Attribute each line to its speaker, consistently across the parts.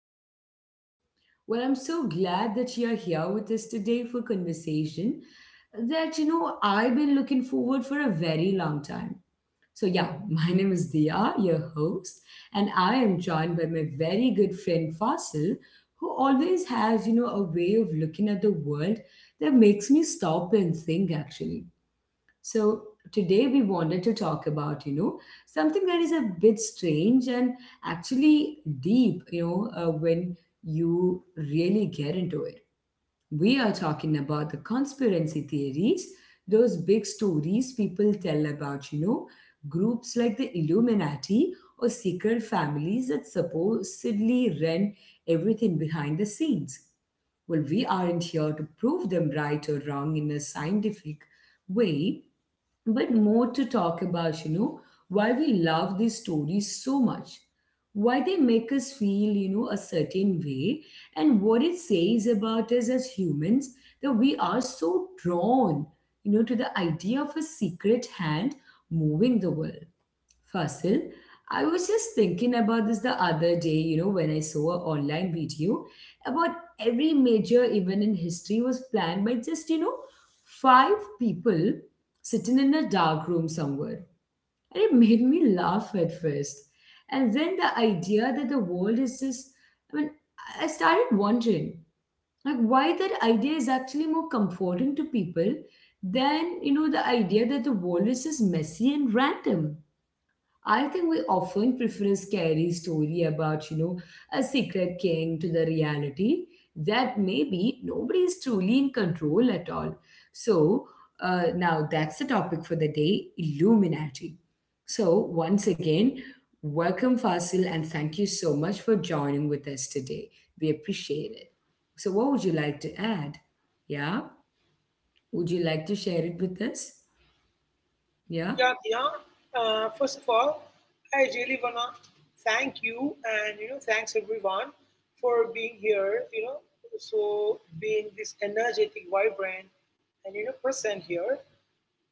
Speaker 1: episode. Well, I'm so glad that you're here with us today for conversation that I've been looking forward for a very long time. So, yeah, my name is Dia, your host, and I am joined by my very good friend Fasil, who always has, a way of looking at the world that makes me stop and think actually. So today we wanted to talk about, something that is a bit strange and actually deep, when you really get into it. We are talking about the conspiracy theories, those big stories people tell about, groups like the Illuminati or secret families that supposedly run everything behind the scenes. Well, we aren't here to prove them right or wrong in a scientific way but more to talk about, why we love these stories so much, why they make us feel, a certain way, and what it says about us as humans that we are so drawn, to the idea of a secret hand moving the world. Fasil, I was just thinking about this the other day, when I saw an online video about every major event in history was planned by just, five people sitting in a dark room somewhere. And it made me laugh at first. And then the idea that the world is just, I mean, I started wondering, like, why that idea is actually more comforting to people than, the idea that the world is just messy and random. I think we often prefer a scary story about, a secret king to the reality that maybe nobody is truly in control at all. So, now that's the topic for the day, Illuminati. So, once again, welcome, Fasil, and thank you so much for joining with us today. We appreciate it. So, what would you like to add? Yeah? Would you like to share it with us? Yeah?
Speaker 2: Yeah, yeah. First of all, I really wanna thank you and thanks everyone for being here. So being this energetic, vibrant, and present here.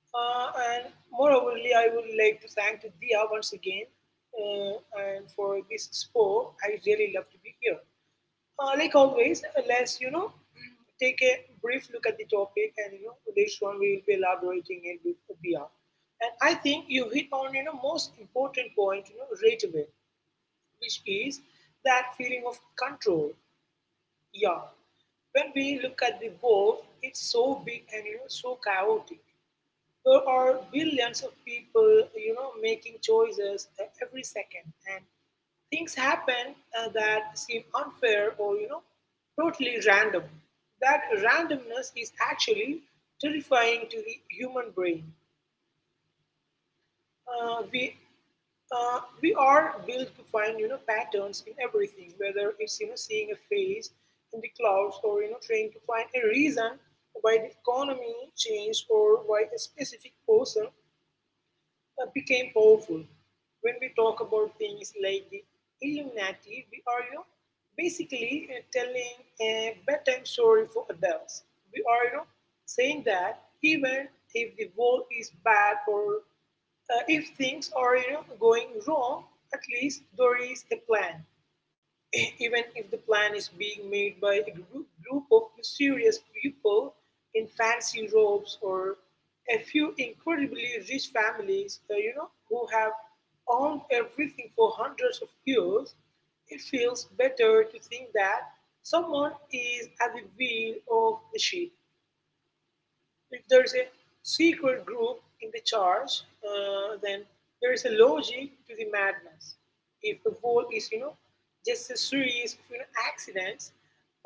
Speaker 2: Uh, and moreoverly, I would like to thank to Dia once again, uh, and for this sport. I really love to be here. Like always, let's take a brief look at the topic, and later on we will be elaborating it with VR. And I think you hit on most important point right away, which is that feeling of control. Yeah, when we look at the world, it's so big and so chaotic. There are billions of people, making choices every second, and things happen that seem unfair or totally random. That randomness is actually terrifying to the human brain. Uh, we we are built to find patterns in everything, whether it's seeing a face in the clouds or trying to find a reason why the economy changed or why a specific person became powerful. When we talk about things like the Illuminati, we are, basically telling a bedtime story for adults. We are, saying that even if the world is bad or, if things are, going wrong, at least there is a plan, even if the plan is being made by a group of mysterious people in fancy robes or a few incredibly rich families, who have owned everything for hundreds of years. It feels better to think that someone is at the wheel of the ship. If there is a secret group in the charge, then there is a logic to the madness. If the whole is, just a series of, accidents,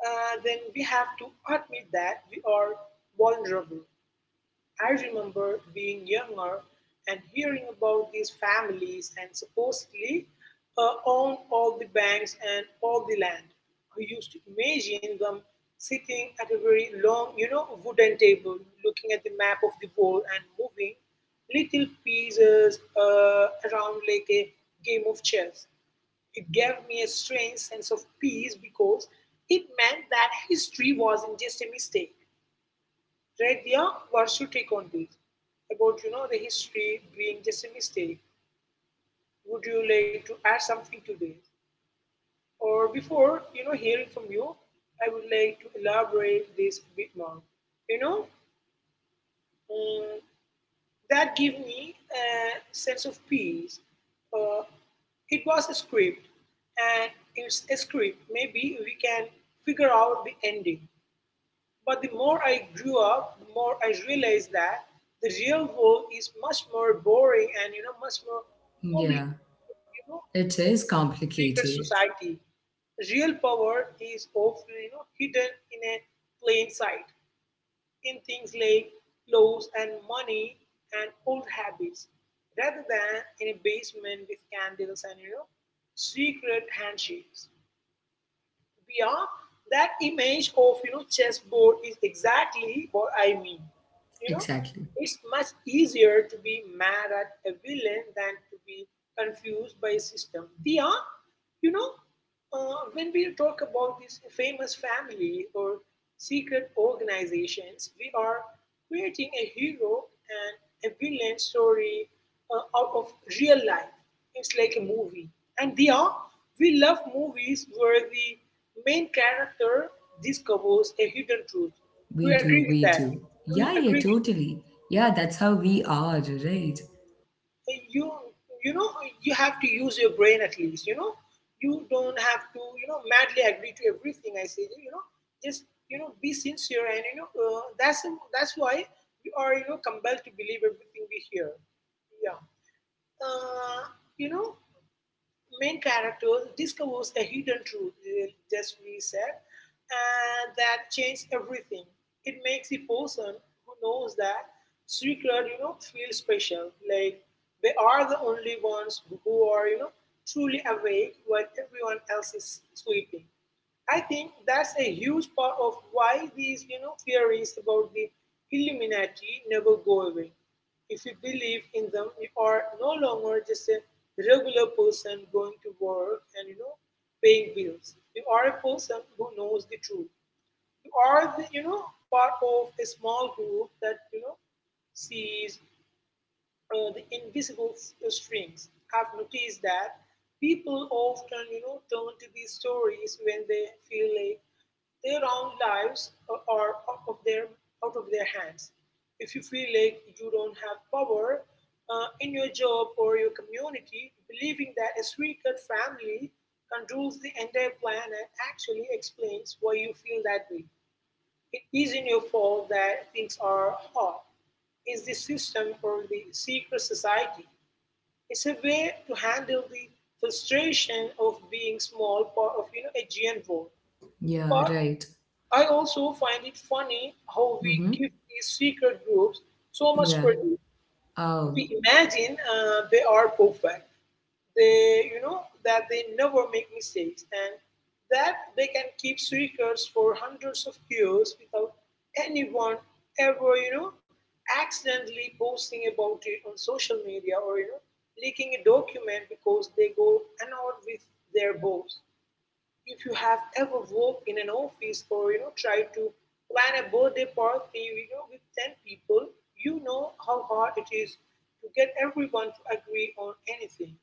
Speaker 2: then we have to admit that we are vulnerable. I remember being younger and hearing about these families and supposedly own all the banks and all the land. I used to imagine them sitting at a very long, wooden table, looking at the map of the world and moving little pieces around like a game of chess. It gave me a strange sense of peace because it meant that history wasn't just a mistake. Read a Varshutik on this, about the history being just a mistake. Would you like to add something to this? Or before hearing from you, I would like to elaborate this a bit more. You know, mm, that gave me a sense of peace. Uh, it was a script, and it's a script. Maybe we can figure out the ending. But the more I grew up, the more I realized that the real world is much more boring and much more complicated.
Speaker 1: Yeah.
Speaker 2: You know,
Speaker 1: It
Speaker 2: than
Speaker 1: is
Speaker 2: secret
Speaker 1: complicated.
Speaker 2: society. Real power is often hidden in a plain sight, in things like laws and money and old habits, rather than in a basement with candles and secret handshakes. Yeah, that image of chessboard is exactly what I mean. You know,
Speaker 1: Exactly.
Speaker 2: it's much easier to be mad at a villain than to be confused by a system. We are, you know, When we talk about these famous family or secret organizations, we are creating a hero and a villain story out of real life. It's like a movie. And Diya, we love movies where the main character discovers a hidden truth. Do
Speaker 1: We
Speaker 2: you
Speaker 1: do,
Speaker 2: agree with
Speaker 1: we
Speaker 2: that?
Speaker 1: do.
Speaker 2: Do you
Speaker 1: Yeah, yeah,
Speaker 2: agree with
Speaker 1: totally. Yeah, that's how we are, right?
Speaker 2: eh, you know you have to use your brain at least, you know? You don't have to, madly agree to everything I say. Just be sincere and that's why we are, compelled to believe everything we hear. Yeah. Uh, you know, main character discovers a hidden truth, just we said, and that changes everything. It makes the person who knows that secret, feel special. Like they are the only ones who are, truly awake while everyone else is sleeping. I think that's a huge part of why these, theories about the Illuminati never go away. If you believe in them, you are no longer just a regular person going to work and paying bills. You are a person who knows the truth. You are the, part of a small group that sees the invisible strings, have noticed that people often, turn to these stories when they feel like their own lives are out of their hands. If you feel like you don't have power in your job or your community, believing that a three-cut family controls the entire planet actually explains why you feel that way. It isn't your fault that things are hard. It's the system or the secret society. It's a way to handle the frustration of being small part of a giant world. But
Speaker 1: Yeah, right.
Speaker 2: I also find it funny how we give
Speaker 1: Mm-hmm.
Speaker 2: these secret groups so much
Speaker 1: Yeah.
Speaker 2: credit. We
Speaker 1: Oh,
Speaker 2: imagine they are perfect. That they never make mistakes and that they can keep secrets for hundreds of years without anyone ever, accidentally posting about it on social media or, leaking a document because they go annoyed with their boss. If you have ever worked in an office or tried to plan a birthday party with 10 people, you know how hard it is to get everyone to agree on anything.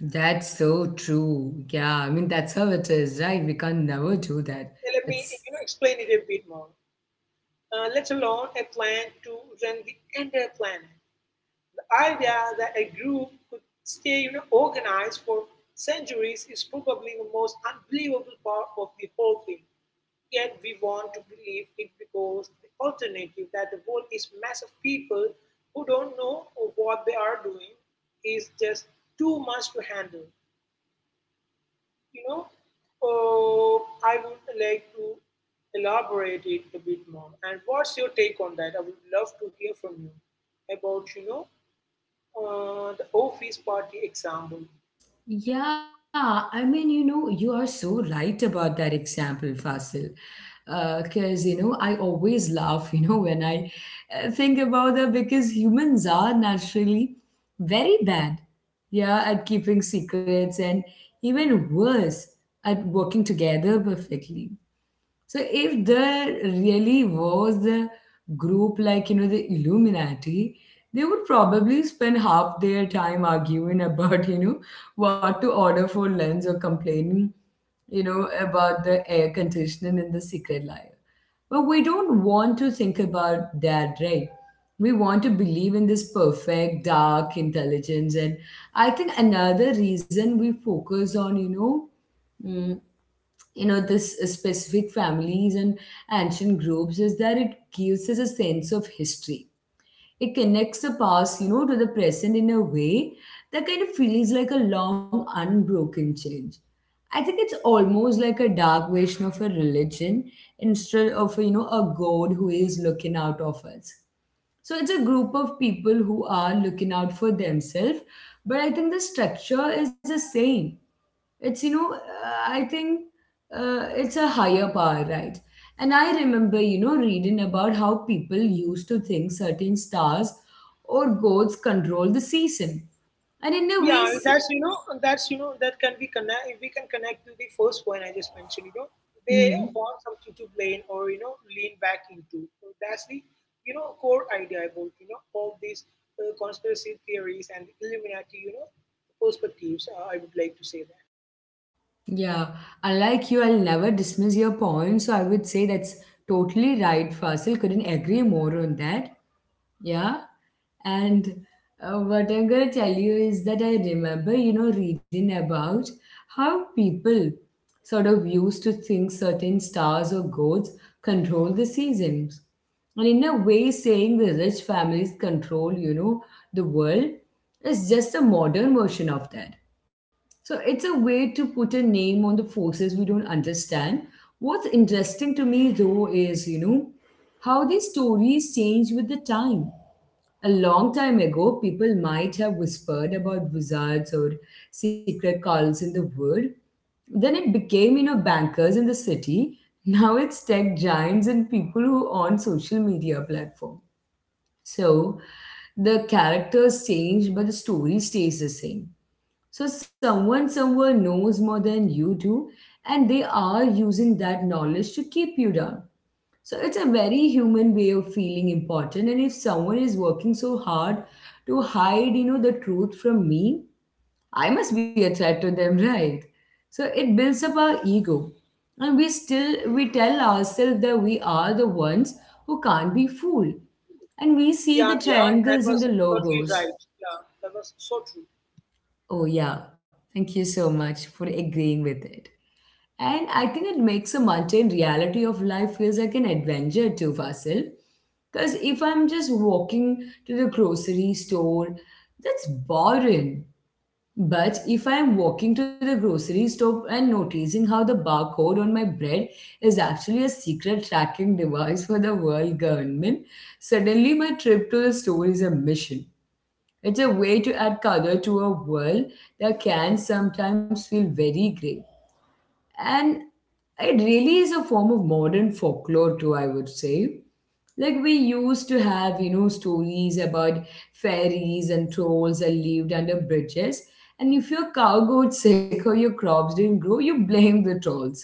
Speaker 1: that's so true. Yeah, I mean, that's how it is, right? We can never do
Speaker 2: Now,
Speaker 1: that.
Speaker 2: let me
Speaker 1: It's.
Speaker 2: explain it a bit more. Let alone a plan to run the entire planet. The idea that a group could stay organized for centuries is probably the most unbelievable part of the whole thing. Yet we want to believe it because the alternative that the world is mass of people who don't know what they are doing is just too much to handle. You know, oh, I would like to elaborate it a bit more. And what's your take on that? I would love to hear from you about, the office party example.
Speaker 1: Yeah, I mean, you are so right about that example, Fasil. Because, I always laugh, when I think about that because humans are naturally very bad, yeah, at keeping secrets and even worse at working together perfectly. So if there really was a group like, the Illuminati, they would probably spend half their time arguing about, what to order for lunch or complaining, about the air conditioning in the secret layer. But we don't want to think about that, right? We want to believe in this perfect dark intelligence. And I think another reason we focus on, mm, this specific families and ancient groups is that it gives us a sense of history. It connects the past to the present in a way that kind of feels like a long unbroken change. I think it's almost like a dark version of a religion. Instead of a god who is looking out of us. So it's a group of people who are looking out for themselves. But I think the structure is the same. It's you know I think it's a higher power, right? And I remember reading about how people used to think certain stars or gods control the season. And in
Speaker 2: Yeah,
Speaker 1: a way
Speaker 2: that's you know that can be connect if we can connect to the first point I just mentioned. They
Speaker 1: Mhm.
Speaker 2: want something to blame or lean back into. So that's the core idea about all these conspiracy theories and Illuminati perspectives. I would like to say that.
Speaker 1: Yeah, unlike you, I'll never dismiss your point, so I would say that's totally right, Fasil. Couldn't agree more on that. Yeah. And what I'm going to tell you is that I remember, reading about how people sort of used to think certain stars or gods control the seasons. And in a way, saying the rich families control, the world is just a modern version of that. So it's a way to put a name on the forces we don't understand. What's interesting to me, though, is, how these stories change with the time. A long time ago, people might have whispered about wizards or secret calls in the wood. Then it became, bankers in the city. Now it's tech giants and people who own social media platform. So the characters change, but the story stays the same. So someone somewhere knows more than you do, and they are using that knowledge to keep you down. So it's a very human way of feeling important. And if someone is working so hard to hide, the truth from me, I must be a threat to them, right? So it builds up our ego. And we tell ourselves that we are the ones who can't be fooled. And we
Speaker 2: Yeah,
Speaker 1: see the
Speaker 2: yeah, that
Speaker 1: triangles
Speaker 2: was
Speaker 1: in the
Speaker 2: totally right.
Speaker 1: logos.
Speaker 2: Yeah, that was so true.
Speaker 1: Oh yeah. Thank you so much for agreeing with it. And I think it makes a mundane reality of life feels like an adventure too, Fasil. Because if I'm just walking to the grocery store, that's boring. But if I'm walking to the grocery store and noticing how the barcode on my bread is actually a secret tracking device for the world government, suddenly my trip to the store is a mission. It's a way to add color to a world that can sometimes feel very gray. And it really is a form of modern folklore, too, I would say. Like, we used to have, stories about fairies and trolls that lived under bridges. And if your cow got sick or your crops didn't grow, you blame the trolls.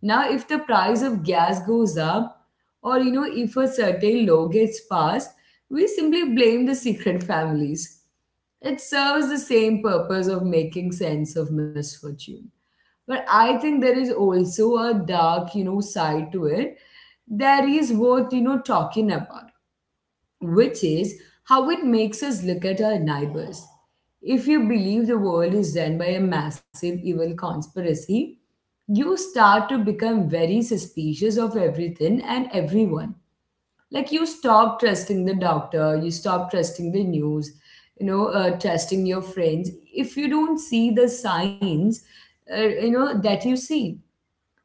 Speaker 1: Now, if the price of gas goes up, or, if a certain law gets passed, we simply blame the secret families. It serves the same purpose of making sense of misfortune. But I think there is also a dark, side to it that is worth, talking about, which is how it makes us look at our neighbors. If you believe the world is run by a massive evil conspiracy, you start to become very suspicious of everything and everyone. Like you stop trusting the doctor, you stop trusting the news, trusting your friends. If you don't see the signs, that you see,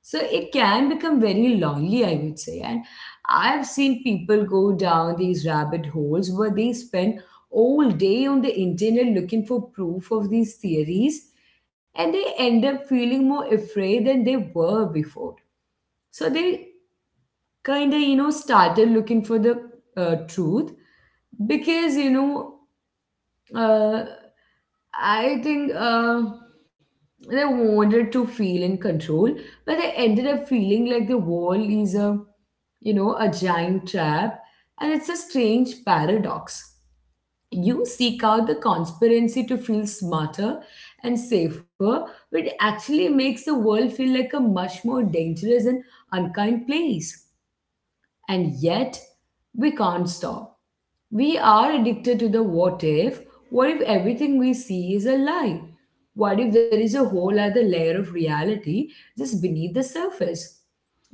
Speaker 1: so it can become very lonely, I would say. And I've seen people go down these rabbit holes where they spend all day on the internet looking for proof of these theories and they end up feeling more afraid than they were before. So they kind of, started looking for the truth because, uh, I think they wanted to feel in control, but they ended up feeling like the wall is a giant trap, and it's a strange paradox. You seek out the conspiracy to feel smarter and safer, but it actually makes the world feel like a much more dangerous and unkind place. And yet, we can't stop. We are addicted to the what if. What if everything we see is a lie? What if there is a whole other layer of reality just beneath the surface?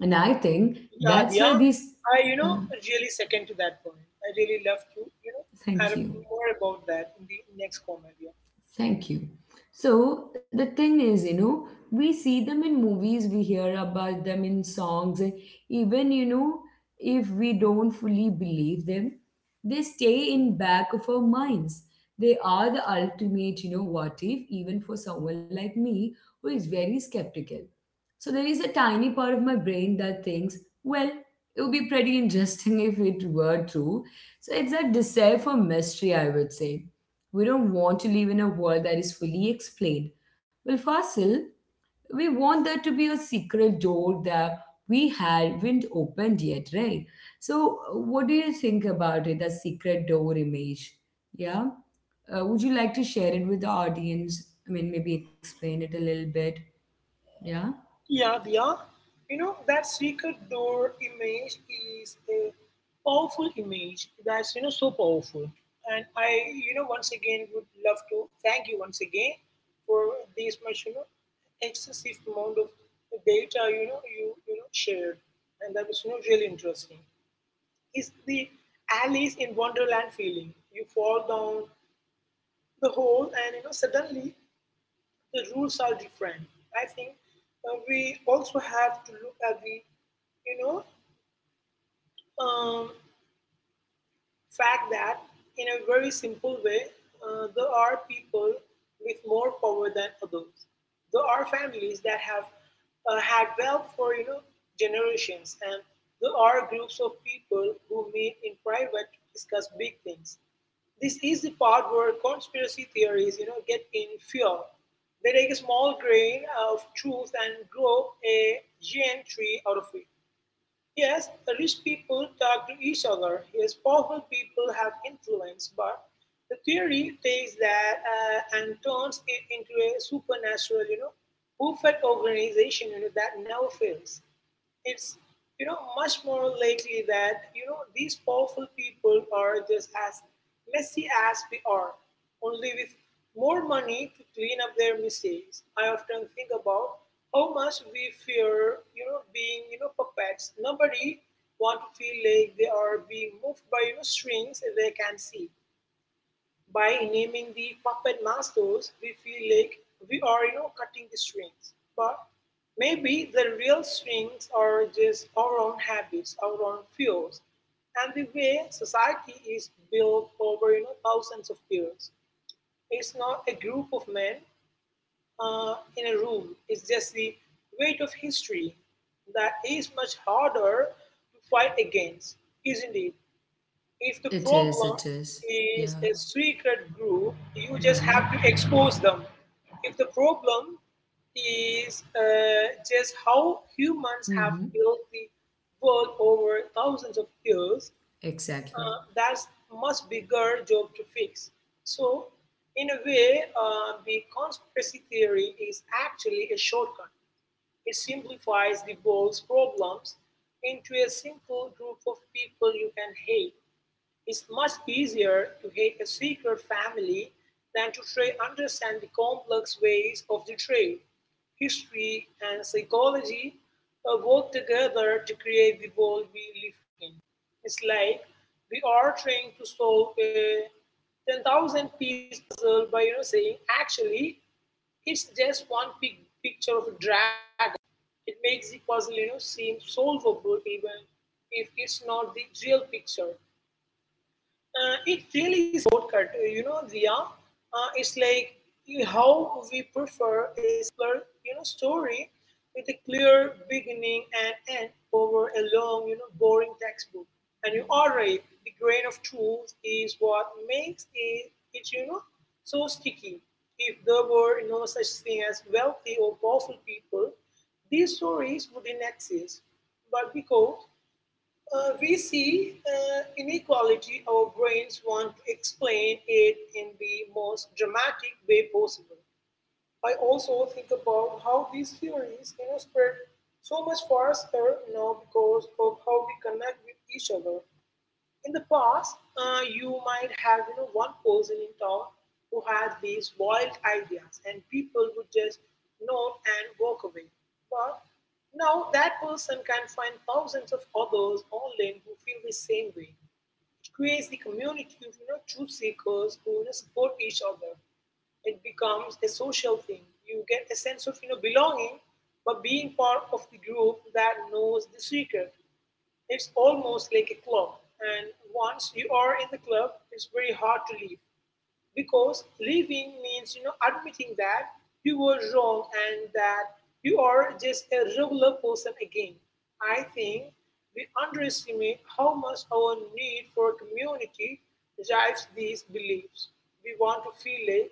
Speaker 1: And I think
Speaker 2: Yeah,
Speaker 1: that's where
Speaker 2: yeah.
Speaker 1: these.
Speaker 2: I,
Speaker 1: Uh,
Speaker 2: really second to that point. I really love to, add
Speaker 1: Thank
Speaker 2: up
Speaker 1: you.
Speaker 2: more about that in the next comment. Yeah.
Speaker 1: Thank you. So the thing is, we see them in movies, we hear about them in songs, and even, if we don't fully believe them, they stay in back of our minds. They are the ultimate, what if, even for someone like me who is very skeptical. So there is a tiny part of my brain that thinks, well, it would be pretty interesting if it were true. So it's a desire for mystery, I would say. We don't want to live in a world that is fully explained. Well, Fasil, we want there to be a secret door that we haven't opened yet, right? So, what do you think about it, that secret door image? Yeah. Would you like to share it with the audience? I mean, maybe explain it a little bit. Yeah.
Speaker 2: Yeah, Diya. That secret door image is a powerful image that's, so powerful. And I, once again would love to thank you once again for this much, excessive amount of data, shared. And that was, really interesting. It's the Alice in Wonderland feeling. You fall down the hole and, suddenly the rules are different. I think we also have to look at the, you know, um, fact that, in a very simple way, there are people with more power than others. There are families that have had wealth for generations, and there are groups of people who meet in private to discuss big things. This is the part where conspiracy theories, get in fuel. They take a small grain of truth and grow a giant tree out of it. Yes, rich people talk to each other. Yes, powerful people have influence, but the theory takes that and turns it into a supernatural, perfect organization that never fails. It's much more likely that these powerful people are just as messy as we are, only with more money to clean up their mistakes. I often think about how much we fear being puppets. Nobody want to feel like they are being moved by strings they can see. By naming the puppet masters, we feel like we are, cutting the strings. But maybe the real strings are just our own habits, our own fears, and the way society is built over, thousands of years. It's not a group of men in a room. It's just the weight of history that is much harder to fight against, isn't it? If the
Speaker 1: It is,
Speaker 2: problem
Speaker 1: it is.
Speaker 2: is
Speaker 1: Yeah.
Speaker 2: a secret group, you just
Speaker 1: Mm-hmm.
Speaker 2: have to expose them. If the problem is just how humans have
Speaker 1: Mm-hmm.
Speaker 2: built the world over thousands of years,
Speaker 1: Exactly.
Speaker 2: that's much bigger job to fix. So, in a way, the conspiracy theory is actually a shortcut. It simplifies the world's problems into a simple group of people you can hate. It's much easier to hate a secret family than to try understand the complex ways of the tribe. History and psychology work together to create the world we live in. It's like we are trying to solve a 10,000 piece puzzle by saying, actually, it's just one big picture of a dragon. It makes the puzzle seem solvable even if it's not the real picture. It really is a shortcut, you know, Diya. It's like how we prefer a simpler, story with a clear beginning and end over a long, boring textbook. And you are right. The grain of truth is what makes it so sticky. If there were no such thing as wealthy or powerful people, these stories wouldn't exist. But because we see inequality, our brains want to explain it in the most dramatic way possible. I also think about how these theories spread so much faster now because of how we connect with each other. In the past, you might have one person in town who had these wild ideas, and people would just nod and walk away. But now that person can find thousands of others online who feel the same way. It creates the community of truth seekers who support each other. It becomes a social thing. You get a sense of belonging, but being part of the group that knows the secret. It's almost like a club, and once you are in the club, it's very hard to leave. Because living means, you know, admitting that you were wrong and that you are just a regular person again. I think we underestimate how much our need for community drives these beliefs. We want to feel like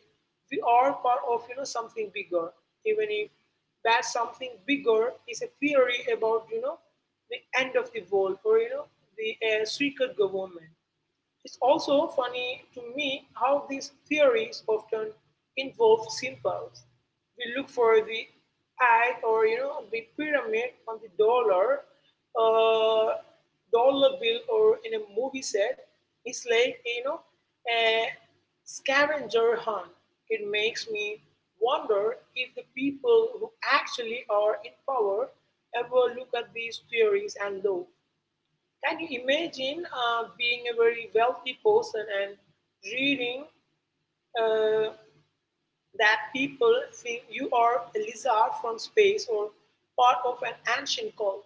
Speaker 2: we are part of, you know, something bigger, even if that something bigger is a theory about, you know, the end of the world or, you know, the secret government. It's also funny to me how these theories often involve symbols. We look for the eye or the pyramid on the dollar, uh, dollar bill or in a movie set. It's like a scavenger hunt. It makes me wonder if the people who actually are in power ever look at these theories and laws. Can you imagine being a very wealthy person and reading uh, that people think you are a lizard from space or part of an ancient cult?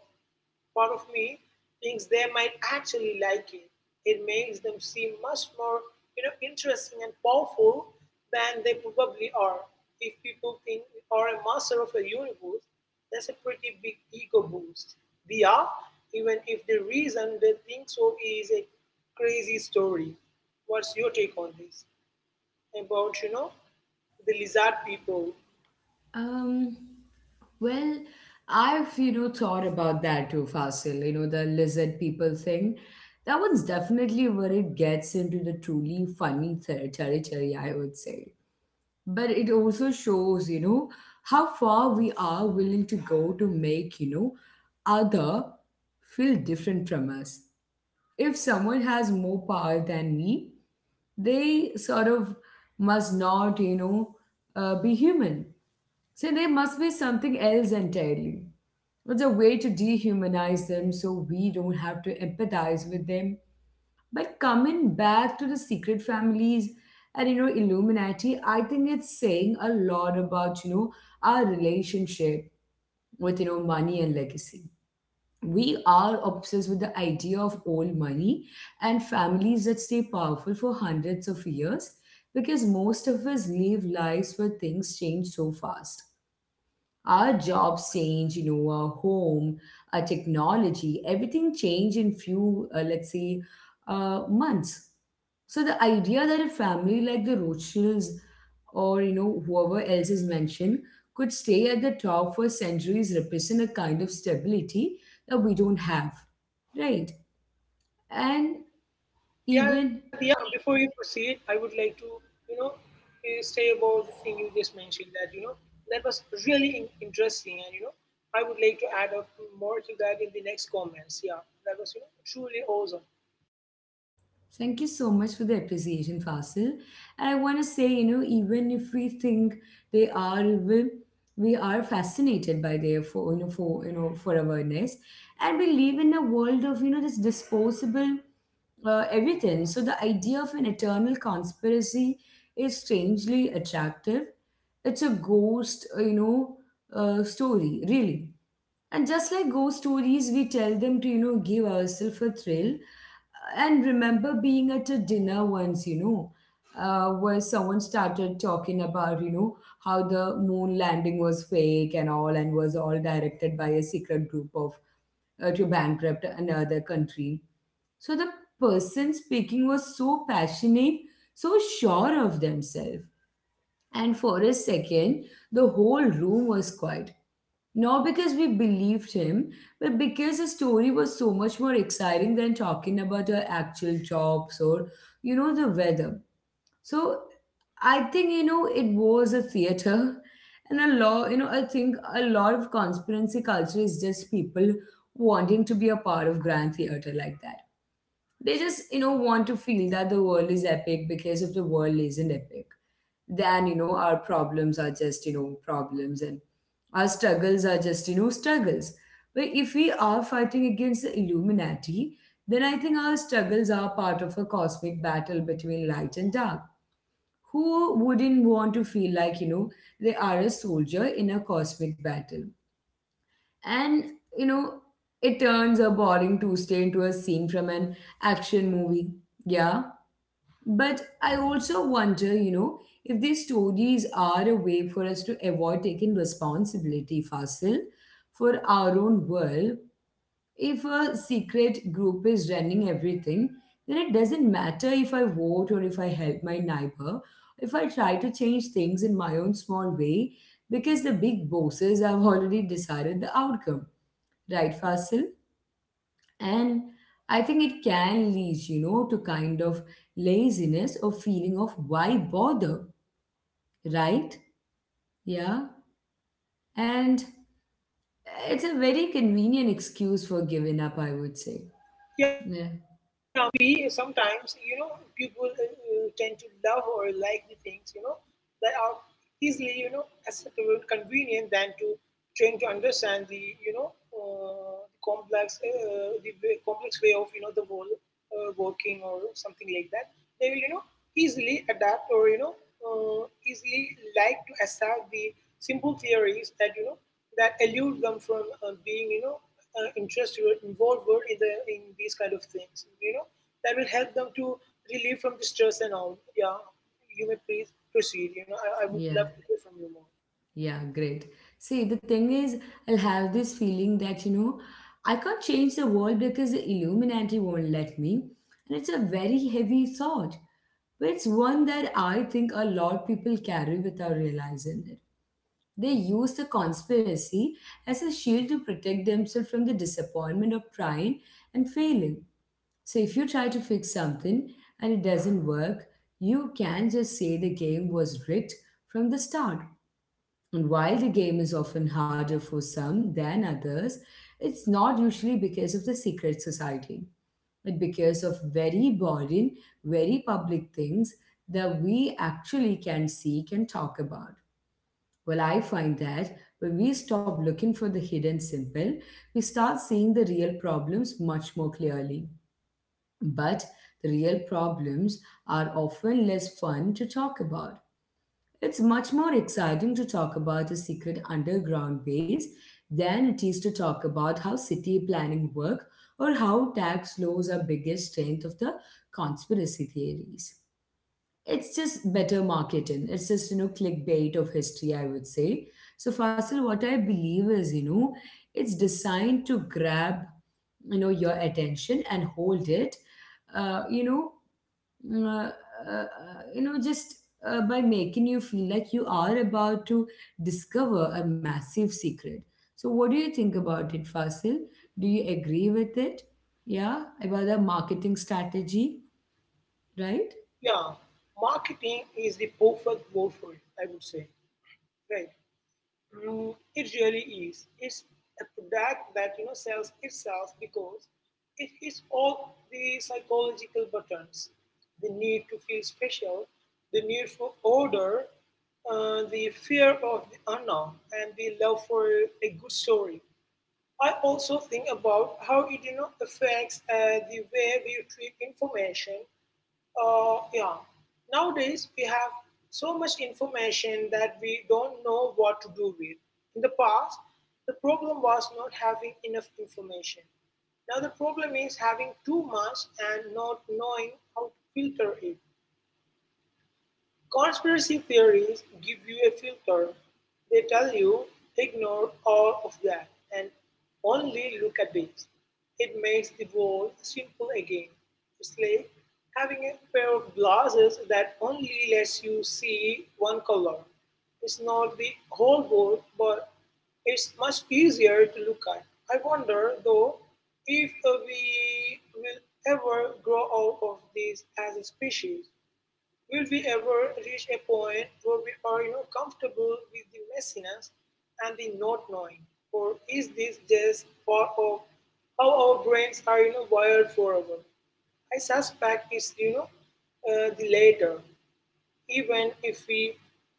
Speaker 2: Part of me thinks they might actually like it. It makes them seem much more interesting and powerful than they probably are. If people think we are a master of the universe, that's a pretty big ego boost. We are, even if the reason they think so is a crazy story. What's your take on this? About, you know, the lizard people
Speaker 1: Um, well, I've, thought about that too, Fasil, the lizard people thing. That one's definitely where it gets into the truly funny territory, I would say. But it also shows, how far we are willing to go to make, other feel different from us. If someone has more power than me, they sort of must not, be human. So they must be something else entirely. It's a way to dehumanize them so we don't have to empathize with them. But coming back to the secret families and Illuminati, I think it's saying a lot about our relationship with money and legacy. We are obsessed with the idea of old money and families that stay powerful for hundreds of years because most of us live lives where things change so fast. Our jobs change, our home, our technology, everything change in few, let's say, months. So the idea that a family like the Rothschilds or whoever else is mentioned could stay at the top for centuries represent a kind of stability that we don't have, right? And
Speaker 2: Yeah, Diya,
Speaker 1: even
Speaker 2: before you proceed, I would like to, you know, say about the thing you just mentioned that, you know, that was really interesting. And, you know, I would like to add up more to that in the next comments. Yeah, that was, you know, truly awesome.
Speaker 1: Thank you so much for the appreciation, Fasil. And I want to say, you know, even if we think they are evil, we are fascinated by their for you know for you know for awareness, and we live in a world of this disposable everything. So the idea of an eternal conspiracy is strangely attractive. It's a ghost, story really, and just like ghost stories, we tell them to give ourselves a thrill and remember being at a dinner once, where someone started talking about, how the moon landing was fake and all, and was all directed by a secret group of to bankrupt another country. So the person speaking was so passionate, so sure of themselves. And for a second, the whole room was quiet. Not because we believed him, but because the story was so much more exciting than talking about our actual jobs or, the weather. So I think, it was a theater. And a lot, you know, I think a lot of conspiracy culture is just people wanting to be a part of grand theater like that. They just want to feel that the world is epic, because if the world isn't epic, then our problems are just problems, and our struggles are just struggles. But if we are fighting against the Illuminati, then I think our struggles are part of a cosmic battle between light and dark. Who wouldn't want to feel like they are a soldier in a cosmic battle? And, you know, it turns a boring Tuesday into a scene from an action movie. Yeah. But I also wonder, you know, if these stories are a way for us to avoid taking responsibility, Fasil, for our own world. If a secret group is running everything, then it doesn't matter if I vote or if I help my neighbor, if I try to change things in my own small way, because the big bosses have already decided the outcome, right, Fasil? And I think it can lead, to kind of laziness or feeling of why bother, right? Yeah. And it's a very convenient excuse for giving up, I would say.
Speaker 2: Yeah,
Speaker 1: Yeah,
Speaker 2: maybe sometimes, you know, people tend to love or like the things, you know, that are easily, you know, acceptable and convenient than to trying to understand the, you know, the complex way of, you know, the world working or something like that. They will, you know, easily adapt or, you know, easily like to accept the simple theories that, that elude them from being, you know, interests you are involved with in the in these kind of things, you know, that will help them to relieve from the stress and all. Yeah, you may please proceed, you know. I would
Speaker 1: yeah,
Speaker 2: love to hear from you more.
Speaker 1: yeah, great. See, the thing is, I'll have this feeling that, I can't change the world because the Illuminati won't let me. And it's a very heavy thought, but it's one that I think a lot of people carry without realizing it. They used the conspiracy as a shield to protect themselves from the disappointment of trying and failing. So, if you try to fix something and it doesn't work, you can just say the game was rigged from the start. And while the game is often harder for some than others, it's not usually because of the secret society, but because of very boring, very public things that we actually can seek and talk about. Well, I find that when we stop looking for the hidden simple, we start seeing the real problems much more clearly. But the real problems are often less fun to talk about. It's much more exciting to talk about a secret underground base than it is to talk about how city planning work or how tax laws are biggest strength of the conspiracy theories. It's just better marketing. It's just, clickbait of history, I would say. So, Fasil, what I believe is, it's designed to grab, your attention and hold it, you know, mm, uh, you know, just by making you feel like you are about to discover a massive secret. So, what do you think about it, Fasil? Do you agree with it? Yeah, about the marketing strategy, right?
Speaker 2: Yeah, marketing is the perfect word for it, I would say. Right. Mm, it really is. It's a product that you know sells itself because it hits all the psychological buttons: the need to feel special, the need for order, the fear of the unknown, and the love for a good story. I also think about how it you know affects the way we treat information, yeah. Nowadays, we have so much information that we don't know what to do with. In the past, the problem was not having enough information. Now, the problem is having too much and not knowing how to filter it. Conspiracy theories give you a filter. They tell you, ignore all of that and only look at this. It makes the world simple again. It's like having a pair of glasses that only lets you see one color. It's not the whole world, but it's much easier to look at. I wonder, though, if we will ever grow out of this as a species. Will we ever reach a point where we are you know, comfortable with the messiness and the not knowing? Or is this just part of how our brains are you know, wired forever? I suspect it's you know, the latter. Even if we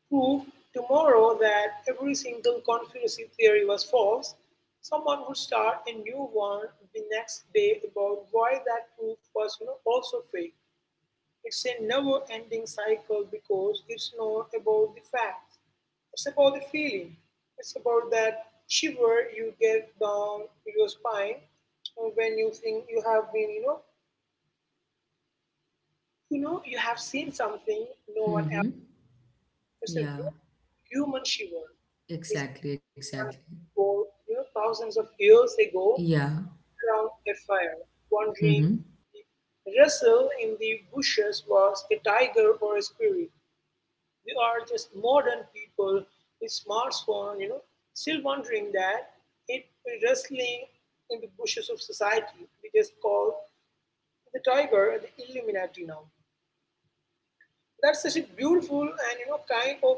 Speaker 2: prove tomorrow that every single conspiracy theory was false, someone would start a new one the next day about why that proof was you know, also fake. It's a never ending cycle because it's not about the facts, it's about the feeling. It's about that shiver you get down your spine when you think you have been, you have seen something no one else.
Speaker 1: Mm-hmm.
Speaker 2: It's a real
Speaker 1: Yeah.
Speaker 2: human shiver. It's
Speaker 1: Exactly, exactly.
Speaker 2: one for you know thousands of years ago
Speaker 1: Yeah.
Speaker 2: around a fire, wondering
Speaker 1: Mm-hmm.
Speaker 2: if Russell in the bushes was a tiger or a spirit. We are just modern people with smartphone, you know, still wondering that it wrestling in the bushes of society. We just call the tiger the Illuminati now. That's such a beautiful and you know kind of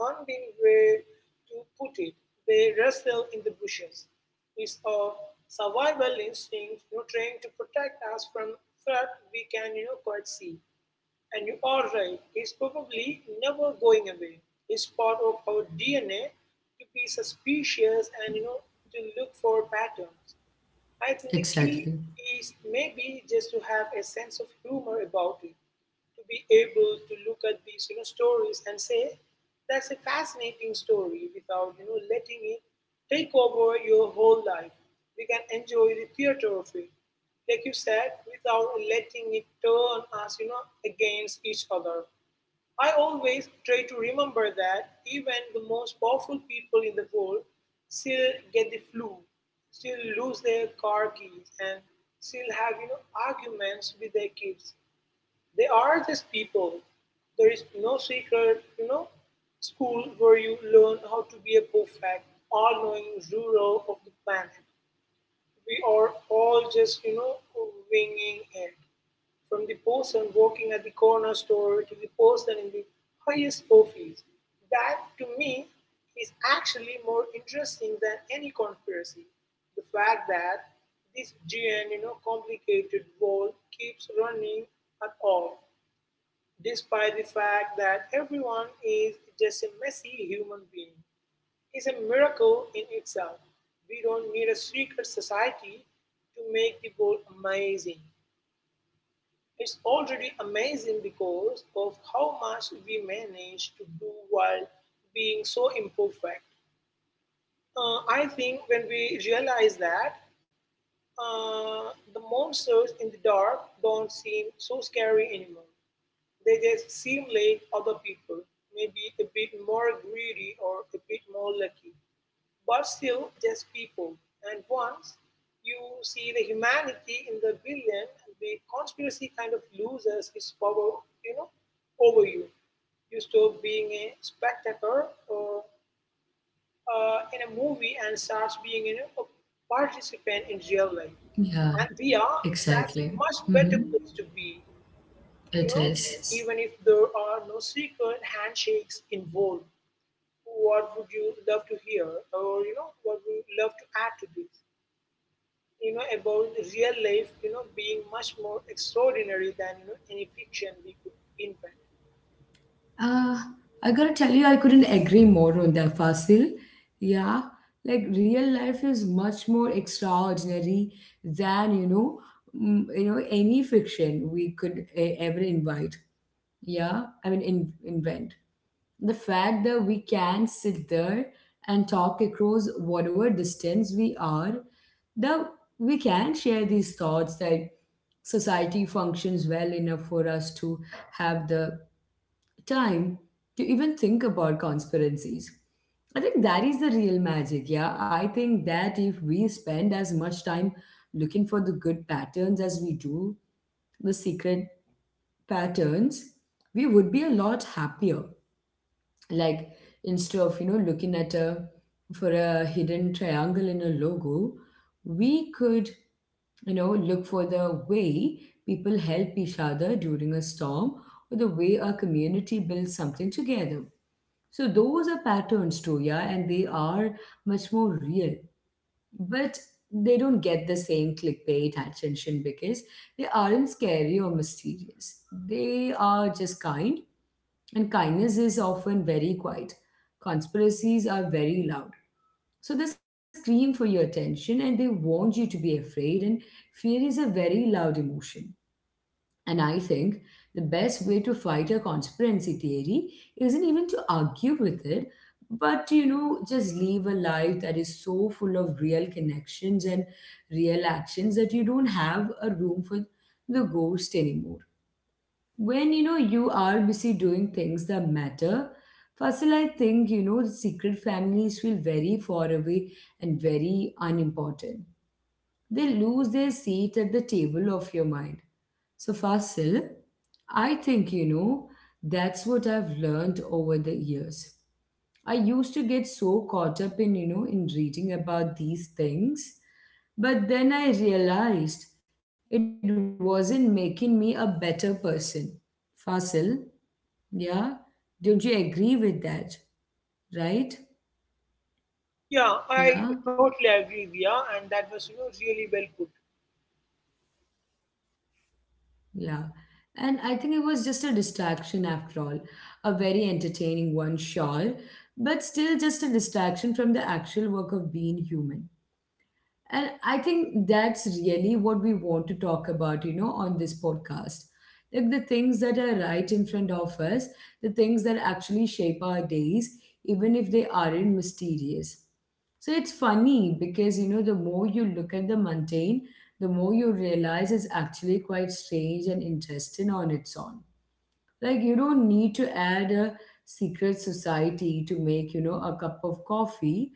Speaker 2: haunting way to put it. They wrestle in the bushes. It's a survival instinct, you know, trying to protect us from threat we can, you know, quite see. And you are right, it's probably never going away. It's part of our DNA to be
Speaker 1: Mm-hmm.
Speaker 2: suspicious and you know to look for patterns. I think the
Speaker 1: Exactly.
Speaker 2: key is maybe just to have a sense of humor about it, to be able to look at these you know stories and say that's a fascinating story without you know letting it take over your whole life. We can enjoy the theater of it, like you said, without letting it turn us you know against each other. I always try to remember that even the most powerful people in the world still get the flu, still lose their car keys, and still have you know arguments with their kids. They are just people. There is no secret, you know, school where you learn how to be a perfect, all-knowing ruler of the planet. We are all just, you know, winging it. From the person working at the corner store to the person in the highest office, that to me is actually more interesting than any conspiracy. The fact that this giant, you know, complicated world keeps running at all, despite the fact that everyone is just a messy human being is a miracle in itself. We don't need a secret society to make the goal amazing. It's already amazing because of how much we manage to do while being so imperfect. I think when we realize that, the monsters in the dark don't seem so scary anymore. They just seem like other people, maybe a bit more greedy or a bit more lucky. But still, just people, and once you see the humanity in the villain, the conspiracy kind of loses its power, you know, over you. You stop being a spectator or, in a movie and starts being you know, a participant in real life.
Speaker 1: Yeah,
Speaker 2: And we are That's
Speaker 1: exactly.
Speaker 2: much
Speaker 1: Mm-hmm.
Speaker 2: better place to be,
Speaker 1: It
Speaker 2: you know. It
Speaker 1: is.
Speaker 2: is. Even if there are no secret handshakes involved, what would you love to hear or you know what would you love to add to this, you know, about real life you know being much more extraordinary than you know any fiction we could invent?
Speaker 1: Uh, I gotta tell you, I couldn't agree more on that, Fasil. Yeah. Like real life is much more extraordinary than, any fiction we could ever invite. Yeah. I mean, in, invent. The fact that we can sit there and talk across whatever distance we are, that we can share these thoughts, that society functions well enough for us to have the time to even think about conspiracies. I think that is the real magic, yeah. I think that if we spend as much time looking for the good patterns as we do, the secret patterns, we would be a lot happier. Like instead of looking at a for a hidden triangle in a logo, we could, look for the way people help each other during a storm, or the way a community builds something together. So those are patterns too, yeah, and they are much more real. But they don't get the same clickbait attention because they aren't scary or mysterious. They are just kind, and kindness is often very quiet. Conspiracies are very loud. So they scream for your attention and they want you to be afraid, and fear is a very loud emotion. And I think the best way to fight a conspiracy theory isn't even to argue with it, but to, just live a life that is so full of real connections and real actions that you don't have a room for the ghost anymore. When you are busy doing things that matter, firstly I think, the secret families feel very far away and very unimportant. They lose their seat at the table of your mind. So, Fasil, I think, that's what I've learned over the years. I used to get so caught up in reading about these things, but then I realized it wasn't making me a better person. Fasil, yeah, don't you agree with that? Right?
Speaker 2: Yeah, I
Speaker 1: Yeah,
Speaker 2: totally agree, Dia, and that was you know really well put.
Speaker 1: yeah. And I think it was just a distraction after all, a very entertaining one, sure, but still just a distraction from the actual work of being human. And I think that's really what we want to talk about, you know, on this podcast. Like the things that are right in front of us, the things that actually shape our days, even if they aren't mysterious. So it's funny because, you know, the more you look at the mundane, the more you realize it's actually quite strange and interesting on its own. Like you don't need to add a secret society to make, a cup of coffee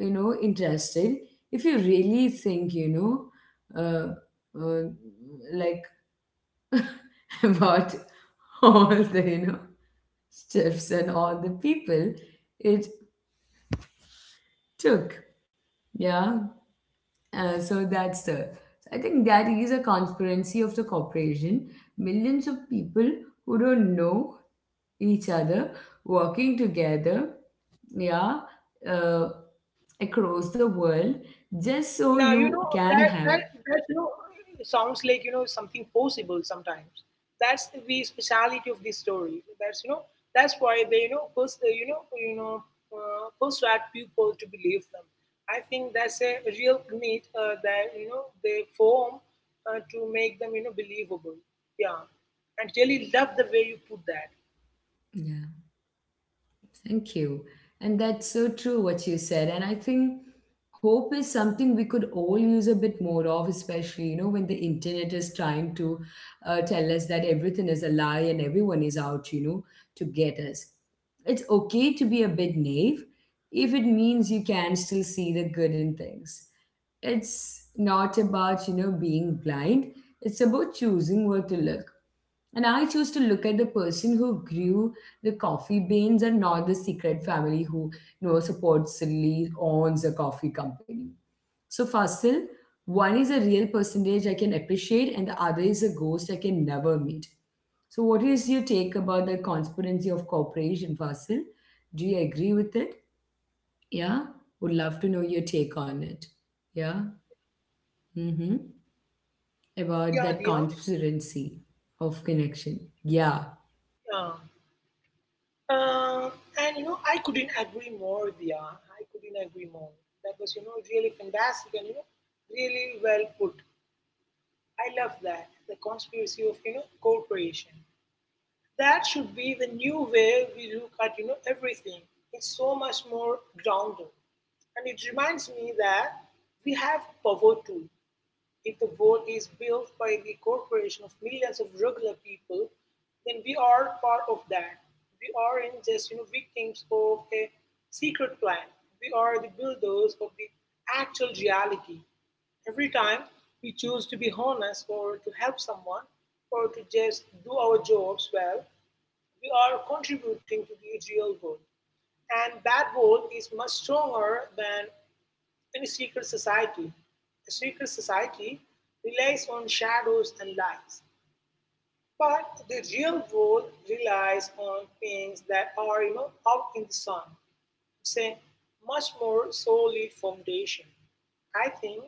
Speaker 1: interested. If you really think uh, like about all the steps and all the people it took, yeah. uh, so that's the that is a conspiracy of the corporation, millions of people who don't know each other working together, yeah, uh, across the world
Speaker 2: Now
Speaker 1: just
Speaker 2: you
Speaker 1: so
Speaker 2: know that
Speaker 1: you
Speaker 2: that
Speaker 1: can have
Speaker 2: that you know sounds like you know something possible sometimes. That's the speciality of this story. That's you know that's why they you know persuade people to believe them. I think that's a real need that they form to make them believable. Yeah, and really love the way you put that.
Speaker 1: yeah. Thank you. And that's so true what you said. And I think hope is something we could all use a bit more of, especially, you know, when the internet is trying to tell us that everything is a lie and everyone is out, to get us. It's okay to be a bit naive if it means you can still see the good in things. It's not about, being blind. It's about choosing where to look. And I choose to look at the person who grew the coffee beans and not the secret family who, supposedly owns a coffee company. So, Fasil, one is a real percentage I can appreciate, and the other is a ghost I can never meet. So, what is your take about the conspiracy of corporation, Fasil? Do you agree with it? Yeah, would love to know your take on it. Yeah, mm-hmm.
Speaker 2: Yeah,
Speaker 1: About
Speaker 2: yeah,
Speaker 1: that conspiracy of connection. Yeah.
Speaker 2: yeah. Um, and I couldn't agree more, Dia. I couldn't agree more. That was really fantastic and really well put. I love that. The conspiracy of cooperation. That should be the new way we look at everything. It's so much more grounded. And it reminds me that we have power too. If the world is built by the cooperation of millions of regular people, then we are part of that. We aren't just victims of a secret plan. We are the builders of the actual reality. Every time we choose to be honest or to help someone or to just do our jobs well, we are contributing to the real world. And that world is much stronger than in a secret society. A secret society relies on shadows and lies, but the real world relies on things that are out in the sun. It's a much more solid foundation. I think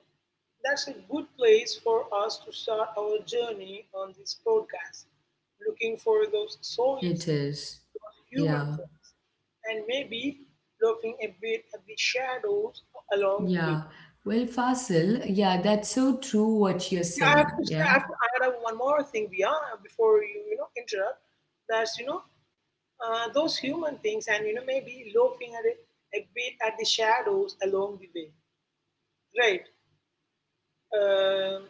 Speaker 2: that's a good place for us to start our journey on this podcast, looking for those solid
Speaker 1: It
Speaker 2: things,
Speaker 1: is.
Speaker 2: those human
Speaker 1: Yeah.
Speaker 2: things, and maybe looking a bit at the shadows along the way.
Speaker 1: Yeah. Well, Fasil, yeah, that's so true what you're
Speaker 2: Yeah, I have
Speaker 1: saying.
Speaker 2: to say, I
Speaker 1: Yeah.
Speaker 2: have to add up one more thing, Via, before you interrupt. That's those human things and maybe looking at it a bit at the shadows along the way, right? Um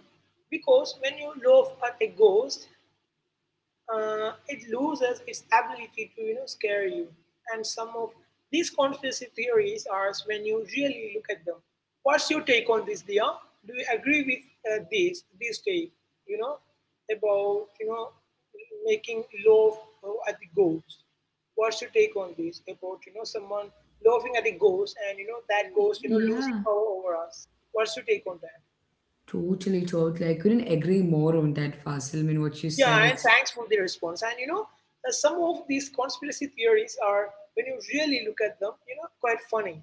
Speaker 2: because when you loaf at a ghost, it loses its ability to scare you. And some of these conspiracy theories are when you really look at them. What's your take on this, Dia? Do you agree with this take? You know about making love at the ghost. What's your take on this about someone laughing at a ghost and that ghost losing
Speaker 1: Yeah.
Speaker 2: power over us? What's your take on that?
Speaker 1: Totally, totally. I couldn't agree more on that, Fasil. I mean, what you
Speaker 2: Yeah,
Speaker 1: said,
Speaker 2: and
Speaker 1: it's
Speaker 2: thanks for the response. And some of these conspiracy theories are, when you really look at them, quite funny.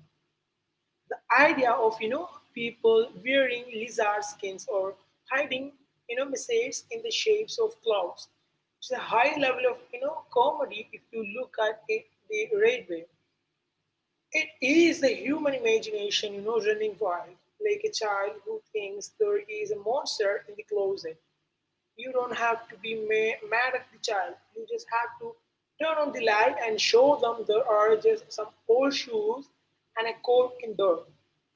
Speaker 2: The idea of people wearing lizard skins or hiding messages in the shapes of clouds. It's a high level of comedy if you look at it the right way. It is the human imagination running wild, like a child who thinks there is a monster in the closet. You don't have to be mad at the child. You just have to turn on the light and show them there are just some old shoes and a coat in there.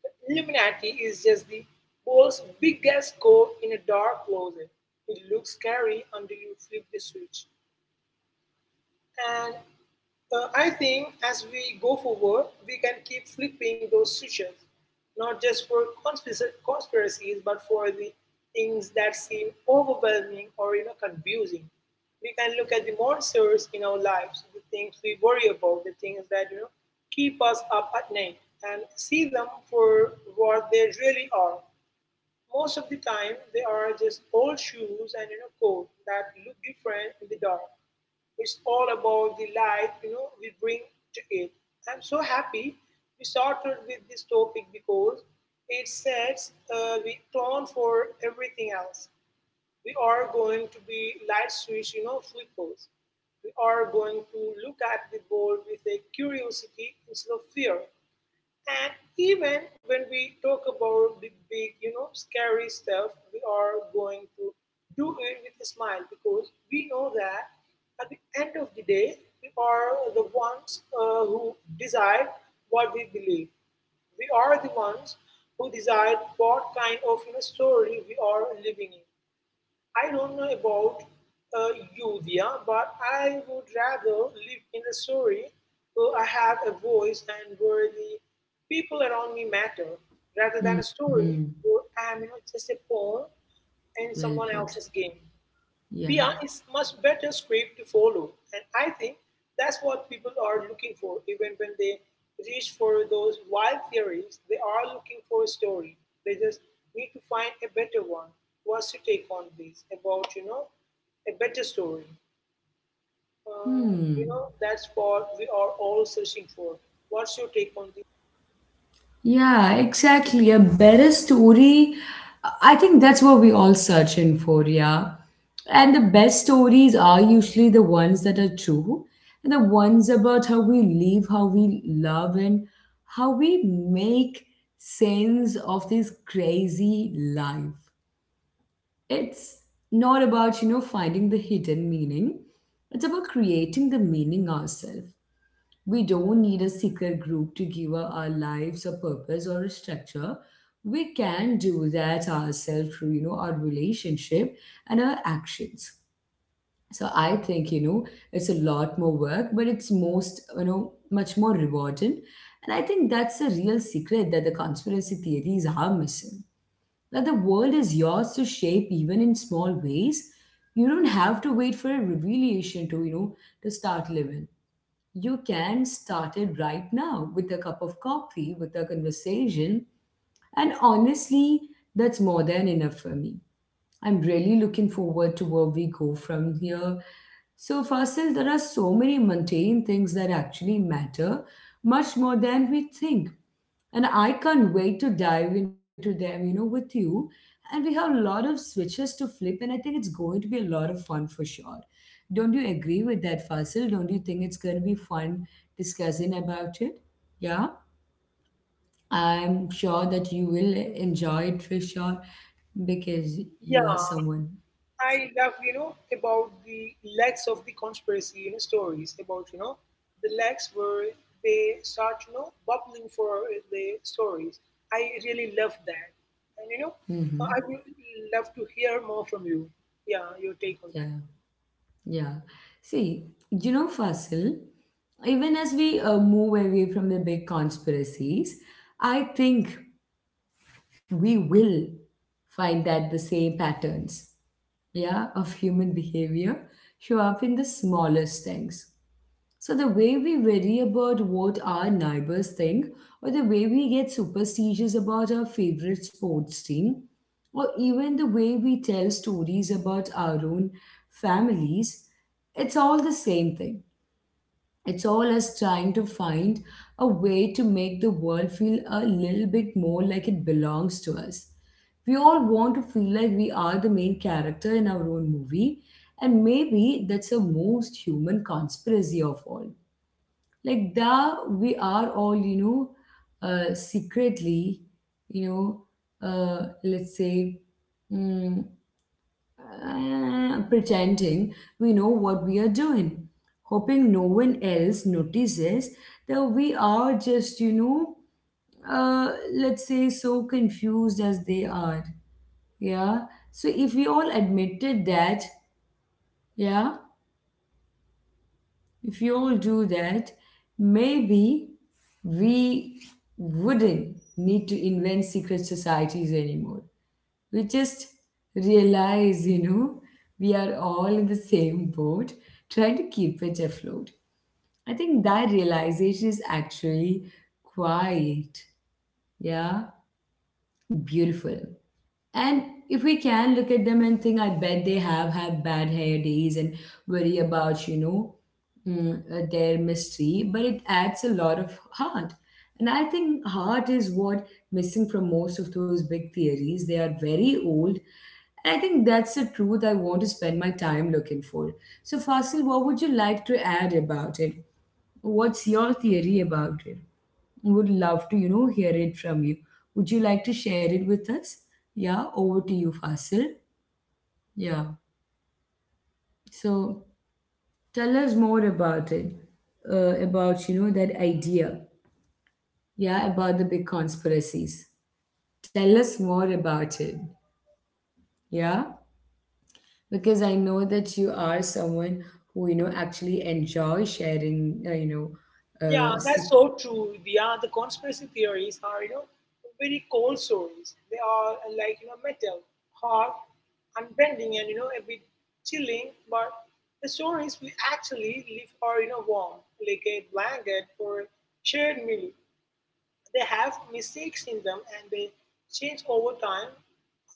Speaker 2: The Illuminati is just the world's biggest coat in a dark closet. It looks scary until you flip the switch. And I think as we go forward, we can keep flipping those switches, not just for conspiracies, but for the things that seem overwhelming or confusing. We can look at the monsters in our lives, the things we worry about, the things that keep us up at night, and see them for what they really are. Most of the time they are just old shoes and coat that look different in the dark. It's all about the light we bring to it. I'm so happy we started with this topic because it sets the tone for everything else. We are going to be light switch flippers. We are going to look at the world with a curiosity instead of fear. And even when we talk about the big scary stuff, we are going to do it with a smile because we know that at the end of the day, we are the ones who decide what we believe. We are the ones who decide what kind of story we are living in. I don't know about you, Diya, but I would rather live in a story where I have a voice and where the people around me matter, rather than a
Speaker 1: mm-hmm.
Speaker 2: story where I'm just a pawn in
Speaker 1: Well
Speaker 2: someone
Speaker 1: put.
Speaker 2: else's game.
Speaker 1: Yeah.
Speaker 2: PR is much better script to follow, and I think that's what people are looking for. Even when they reach for those wild theories, they are looking for a story. They just need to find a better one. What's your take on this? About a better story. Uh,
Speaker 1: Hmm.
Speaker 2: that's what we are all searching for. What's your take on this?
Speaker 1: Yeah, exactly. A better story. I think that's what we all search in for, yeah. And the best stories are usually the ones that are true and the ones about how we live, how we love, and how we make sense of this crazy life. It's not about, you know, finding the hidden meaning, it's about creating the meaning ourselves. We don't need a secret group to give our lives a purpose or a structure. We can do that ourselves through our relationship and our actions. So I think it's a lot more work, but it's most, much more rewarding. And I think that's the real secret that the conspiracy theories are missing. That the world is yours to shape even in small ways. You don't have to wait for a revelation to, you know, to start living. You can start it right now with a cup of coffee, with a conversation. And honestly, that's more than enough for me. I'm really looking forward to where we go from here. So, Fasil, there are so many mundane things that actually matter, much more than we think. And I can't wait to dive into them, you know, with you. And we have a lot of switches to flip, and I think it's going to be a lot of fun for sure. Don't you agree with that, Fasil? Don't you think it's going to be fun discussing about it? Yeah, I'm sure that you will enjoy it for sure because
Speaker 2: Yeah,
Speaker 1: you are someone.
Speaker 2: I love about the legs of the conspiracy stories about the legs where they start bubbling for the stories. I really love that. And
Speaker 1: hmm
Speaker 2: I would love to hear more from you. Yeah, your take on that.
Speaker 1: Yeah, yeah. See, you know, Fasil, even as we move away from the big conspiracies, I think we will find that the same patterns, yeah, of human behavior show up in the smallest things. So the way we worry about what our neighbors think, or the way we get superstitious about our favorite sports team, or even the way we tell stories about our own families, it's all the same thing. It's all us trying to find a way to make the world feel a little bit more like it belongs to us. We all want to feel like we are the main character in our own movie, and maybe that's the most human conspiracy of all. Like that, we are all, you know, secretly, you know, let's say, mm, pretending we know what we are doing, hoping no one else notices that we are just, you know, let's say so confused as they are. Yeah. So if we all admitted that, yeah, if we all do that, maybe we wouldn't need to invent secret societies anymore. We just realize, you know, we are all in the same boat trying to keep it afloat. I think that realization is actually quite, yeah, beautiful. And if we can look at them and think, I bet they have had bad hair days and worry about, you know, their mystery, but it adds a lot of heart. And I think heart is what missing from most of those big theories. They are very old and I think that's the truth I want to spend my time looking for. So, Fasil, what would you like to add about it? What's your theory about it? Would love to, you know, hear it from you. Would you like to share it with us? Yeah, over to you, Fasil. Yeah. So, tell us more about it. About, you know, that idea. Yeah, about the big conspiracies. Tell us more about it. Yeah. Because I know that you are someone who, you know, actually enjoy sharing. You know,
Speaker 2: Yeah, that's
Speaker 1: sec-
Speaker 2: so true. Yeah, the conspiracy theories are very cold stories. They are like metal, hard, unbending, and a bit chilling. But the stories we actually live are warm, like a blanket or a shared meal. They have mistakes in them and they change over time.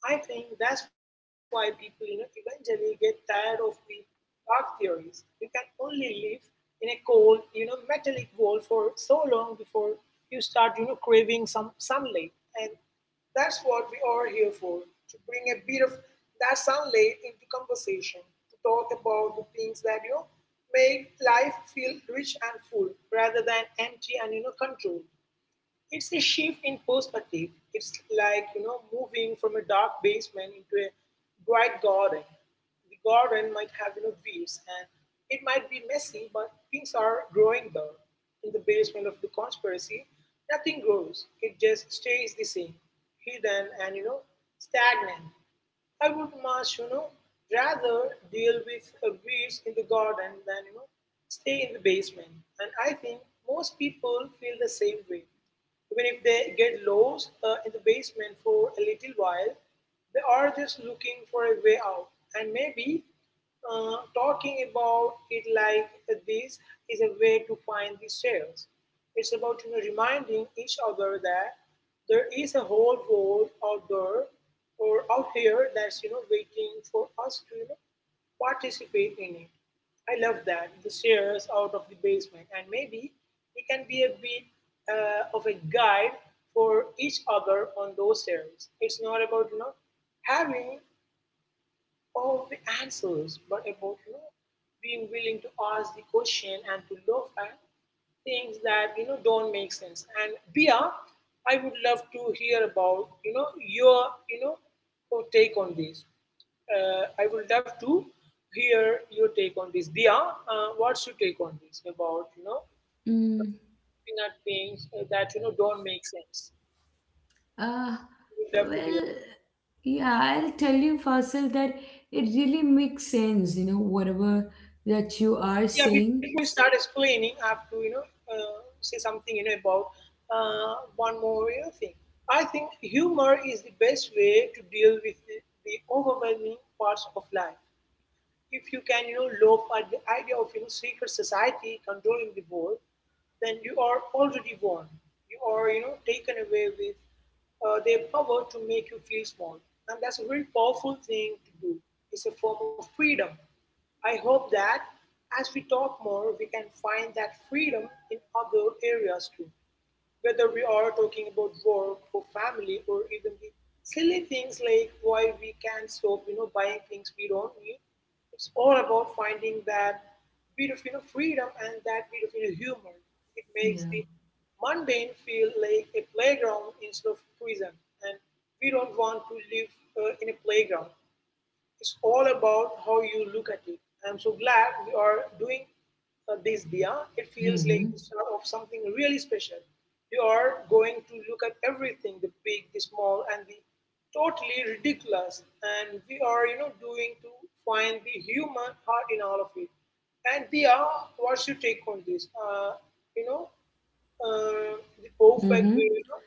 Speaker 2: I think that's why people eventually get tired of the dark theories. You can only live in a cold metallic world for so long before you start craving some sunlight. And that's what we are here for, to bring a bit of that sunlight into conversation, to talk about the things that make life feel rich and full rather than empty and controlled. It's a shift in perspective. It's like moving from a dark basement into a bright garden. The garden might have weeds and it might be messy, but things are growing there. In the basement of the conspiracy, nothing grows. It just stays the same, hidden and stagnant. I would much rather deal with weeds in the garden than stay in the basement. And I think most people feel the same way. Even if they get lost in the basement for a little while, they are just looking for a way out. And maybe talking about it like this is a way to find these sales. It's about reminding each other that there is a whole world out there or out here that's waiting for us to participate in it. I love that the stairs out of the basement, and maybe we can be a bit of a guide for each other on those stairs. It's not about having all the answers, but about being willing to ask the question and to look at things that don't make sense. And Bia, I would love to hear about your you know your take on this. I would love to hear your take on this. Bia, what's your take on this about
Speaker 1: mm,
Speaker 2: looking at things that don't make sense?
Speaker 1: uh,
Speaker 2: Would love to hear.
Speaker 1: well, yeah, I'll tell you, Fasil, that it really makes sense. You know, whatever that you are
Speaker 2: Yeah, before you
Speaker 1: saying.
Speaker 2: start explaining I have to say something about one more thing. I think humor is the best way to deal with the overwhelming parts of life. If you can loaf at the idea of secret society controlling the world, then you are already won. You are taken away with their power to make you feel small, and that's a very powerful thing to do. It's a form of freedom. I hope that as we talk more we can find that freedom in other areas too, whether we are talking about work or family or even the silly things like why we can't stop buying things we don't need. It's all about finding that bit of freedom and that bit of humor. It makes
Speaker 1: Yeah.
Speaker 2: the mundane feel like a playground instead of prison. And we don't want to live in a playground. It's all about how you look at it. I'm so glad we are doing this, Dia. It feels
Speaker 1: Mm-hmm.
Speaker 2: like the start of something really special. We are going to look at everything, the big, the small, and the totally ridiculous. And we are doing to find the human heart in all of it. And Dia, what's your take on this? You know, uh, the perfect
Speaker 1: Mm-hmm.
Speaker 2: way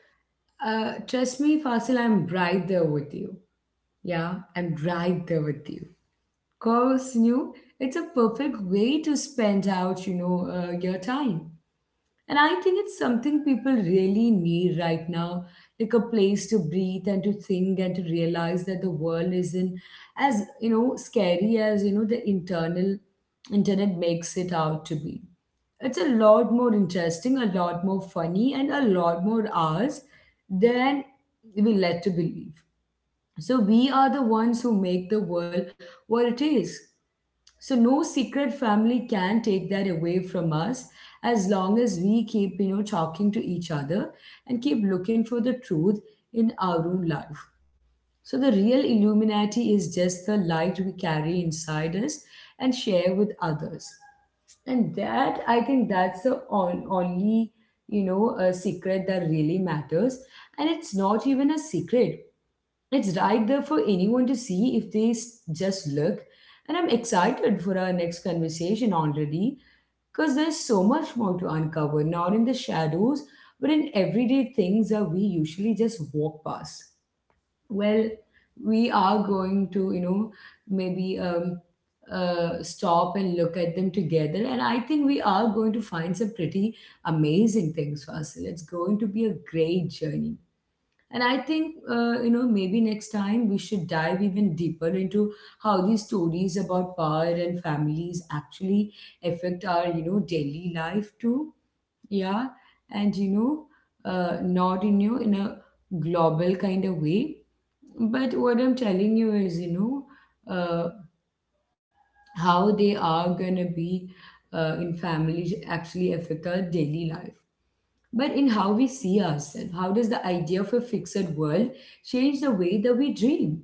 Speaker 1: Trust me, Fasil, I'm right there with you. Yeah, I'm right there with you. Cause you know, it's a perfect way to spend out. You know, your time. And I think it's something people really need right now, like a place to breathe and to think and to realize that the world isn't as, you know, scary as, you know, the internal internet makes it out to be. It's a lot more interesting, a lot more funny, and a lot more ours than we led to believe. So we are the ones who make the world what it is. So no secret family can take that away from us as long as we keep, you know, talking to each other and keep looking for the truth in our own life. So the real Illuminati is just the light we carry inside us and share with others. And that I think that's the only, you know, a secret that really matters, and it's not even a secret, it's right there for anyone to see if they just look. And I'm excited for our next conversation already because there's so much more to uncover, not in the shadows, but in everyday things that we usually just walk past. Well, we are going to, you know, maybe stop and look at them together. And I think we are going to find some pretty amazing things, Fasil. It's going to be a great journey. And I think, you know, maybe next time we should dive even deeper into how these stories about power and families actually affect our, you know, daily life too. Yeah. And, you know, not in, you know, in a global kind of way. But what I'm telling you is, you know, uh, how they are going to be in families actually affect our daily life, but in how we see ourselves. How does the idea of a fixed world change the way that we dream?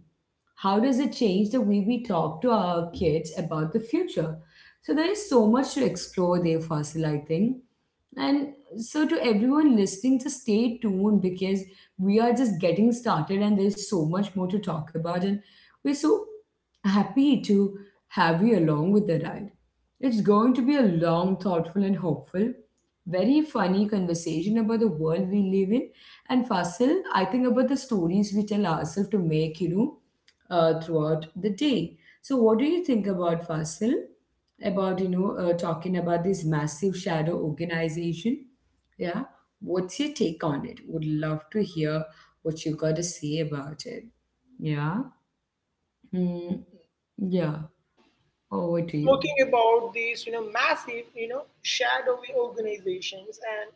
Speaker 1: How does it change the way we talk to our kids about the future? So there is so much to explore there, Fasil, I think. And so to everyone listening, just stay tuned because we are just getting started and there's so much more to talk about. And we're so happy to have you along with the ride. It's going to be a long, thoughtful, and hopeful, very funny conversation about the world we live in. And Fasil, I think about the stories we tell ourselves to make, you know, throughout the day. So, what do you think about Fasil? About, you know, talking about this massive shadow organization? Yeah, what's your take on it? Would love to hear what you got to say about it. Yeah, mm, yeah. Over to you.
Speaker 2: talking about these massive shadowy organizations, and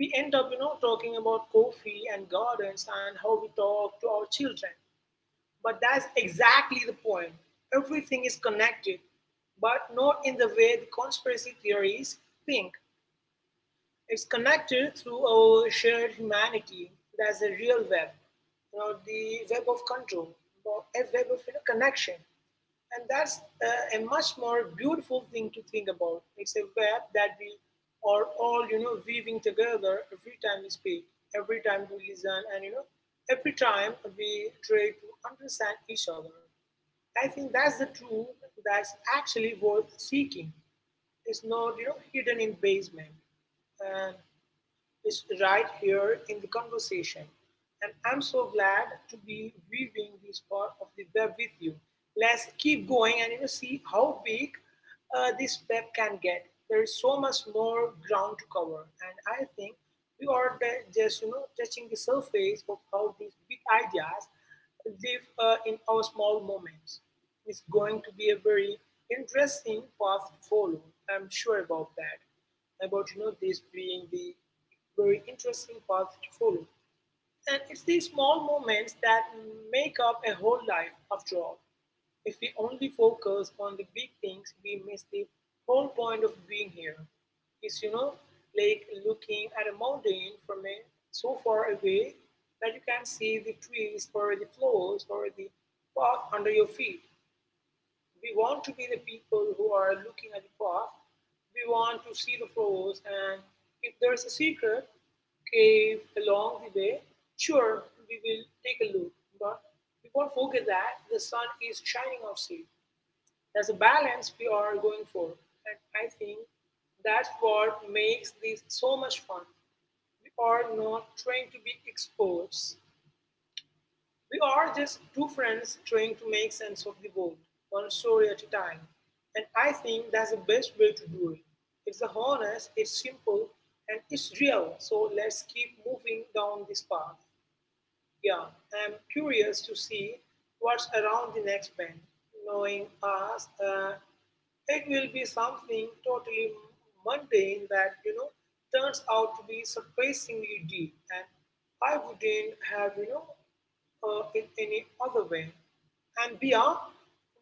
Speaker 2: we end up talking about coffee and gardens and how we talk to our children. But that's exactly the point. Everything is connected, but not in the way the conspiracy theories think. It's connected through our shared humanity. That's a real web the web of control, or a web of connection. And that's a much more beautiful thing to think about. It's a web that we are all weaving together every time we speak, every time we listen, and every time we try to understand each other. I think that's the truth that's actually worth seeking, is not hidden in basement, and is right here in the conversation, and I'm so glad to be weaving this part of the web with you. Let's keep going and see how big this web can get. There is so much more ground to cover, and I think we are just touching the surface of how these big ideas live in our small moments. It's going to be a very interesting path to follow. I'm sure about that. About this being the very interesting path to follow. And it's these small moments that make up a whole life, after all. If we only focus on the big things, we miss the whole point of being here. It's like looking at a mountain from a, so far away that you can see the trees or the flowers or the path under your feet. We want to be the people who are looking at the path. We want to see the flows, and if there is a secret cave along the way, sure, we will take a look. But we won't forget that the sun is shining outside. That's a balance we are going for. And I think that's what makes this so much fun. We are not trying to be experts. We are just two friends trying to make sense of the world, one story at a time. And I think that's the best way to do it. It's honest, it's simple, and it's real. So let's keep moving down this path. Yeah, I'm curious to see what's around the next bend. Knowing us, it will be something totally mundane that turns out to be surprisingly deep, and I wouldn't have it any other way. And Bia,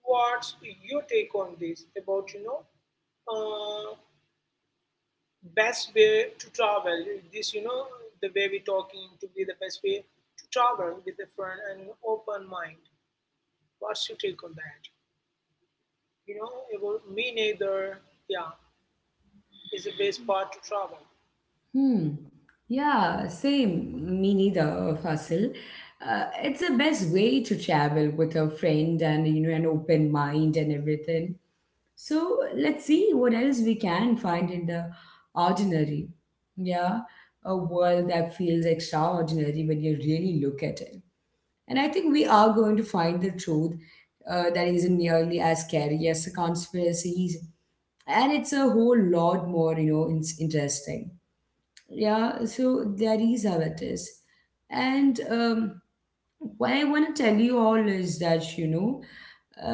Speaker 2: what's your take on this about uh, best way to travel this the way we talking to be the best way to travel with a friend and an open mind? What's your take on that about me neither? Yeah, is the best part to travel.
Speaker 1: Hmm. Yeah, same. Me neither, Fasil. It's the best way to travel with a friend and, you know, an open mind and everything. So let's see what else we can find in the ordinary. Yeah, a world that feels extraordinary when you really look at it. And I think we are going to find the truth that isn't nearly as scary as the conspiracies, and it's a whole lot more, you know, interesting. Yeah, so that is how it is. And what I want to tell you all is that, you know,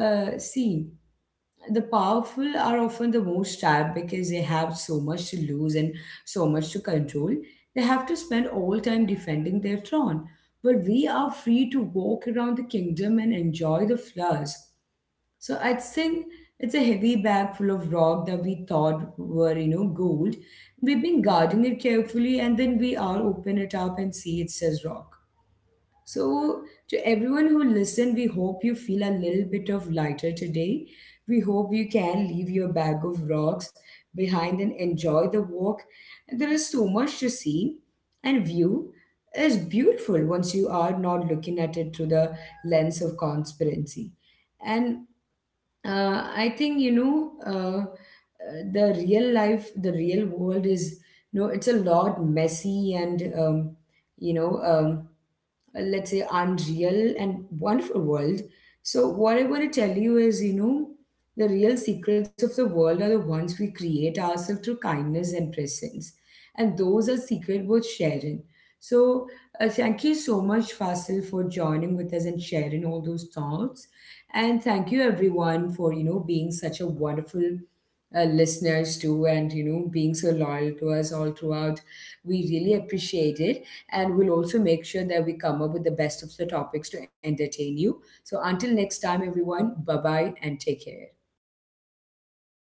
Speaker 1: see, the powerful are often the most trapped because they have so much to lose and so much to control. They have to spend all time defending their throne, but we are free to walk around the kingdom and enjoy the flowers. So I'd think it's a heavy bag full of rock that we thought were, you know, gold. We've been guarding it carefully and then we all open it up and see it says rock. So, to everyone who listened, we hope you feel a little bit of lighter today. We hope you can leave your bag of rocks behind and enjoy the walk. There is so much to see and view. It's beautiful once you are not looking at it through the lens of conspiracy. And I think, you know, the real life, the real world is, you know, it's a lot messy and you know, let's say unreal and wonderful world. So what I want to tell you is, you know, the real secrets of the world are the ones we create ourselves through kindness and presence, and those are secret worth sharing. So, thank you so much, Fasil, for joining with us and sharing all those thoughts, and thank you everyone for, you know, being such a wonderful listeners too, and, you know, being so loyal to us all throughout. We really appreciate it, and we'll also make sure that we come up with the best of the topics to entertain you. So until next time, everyone, bye bye and take care.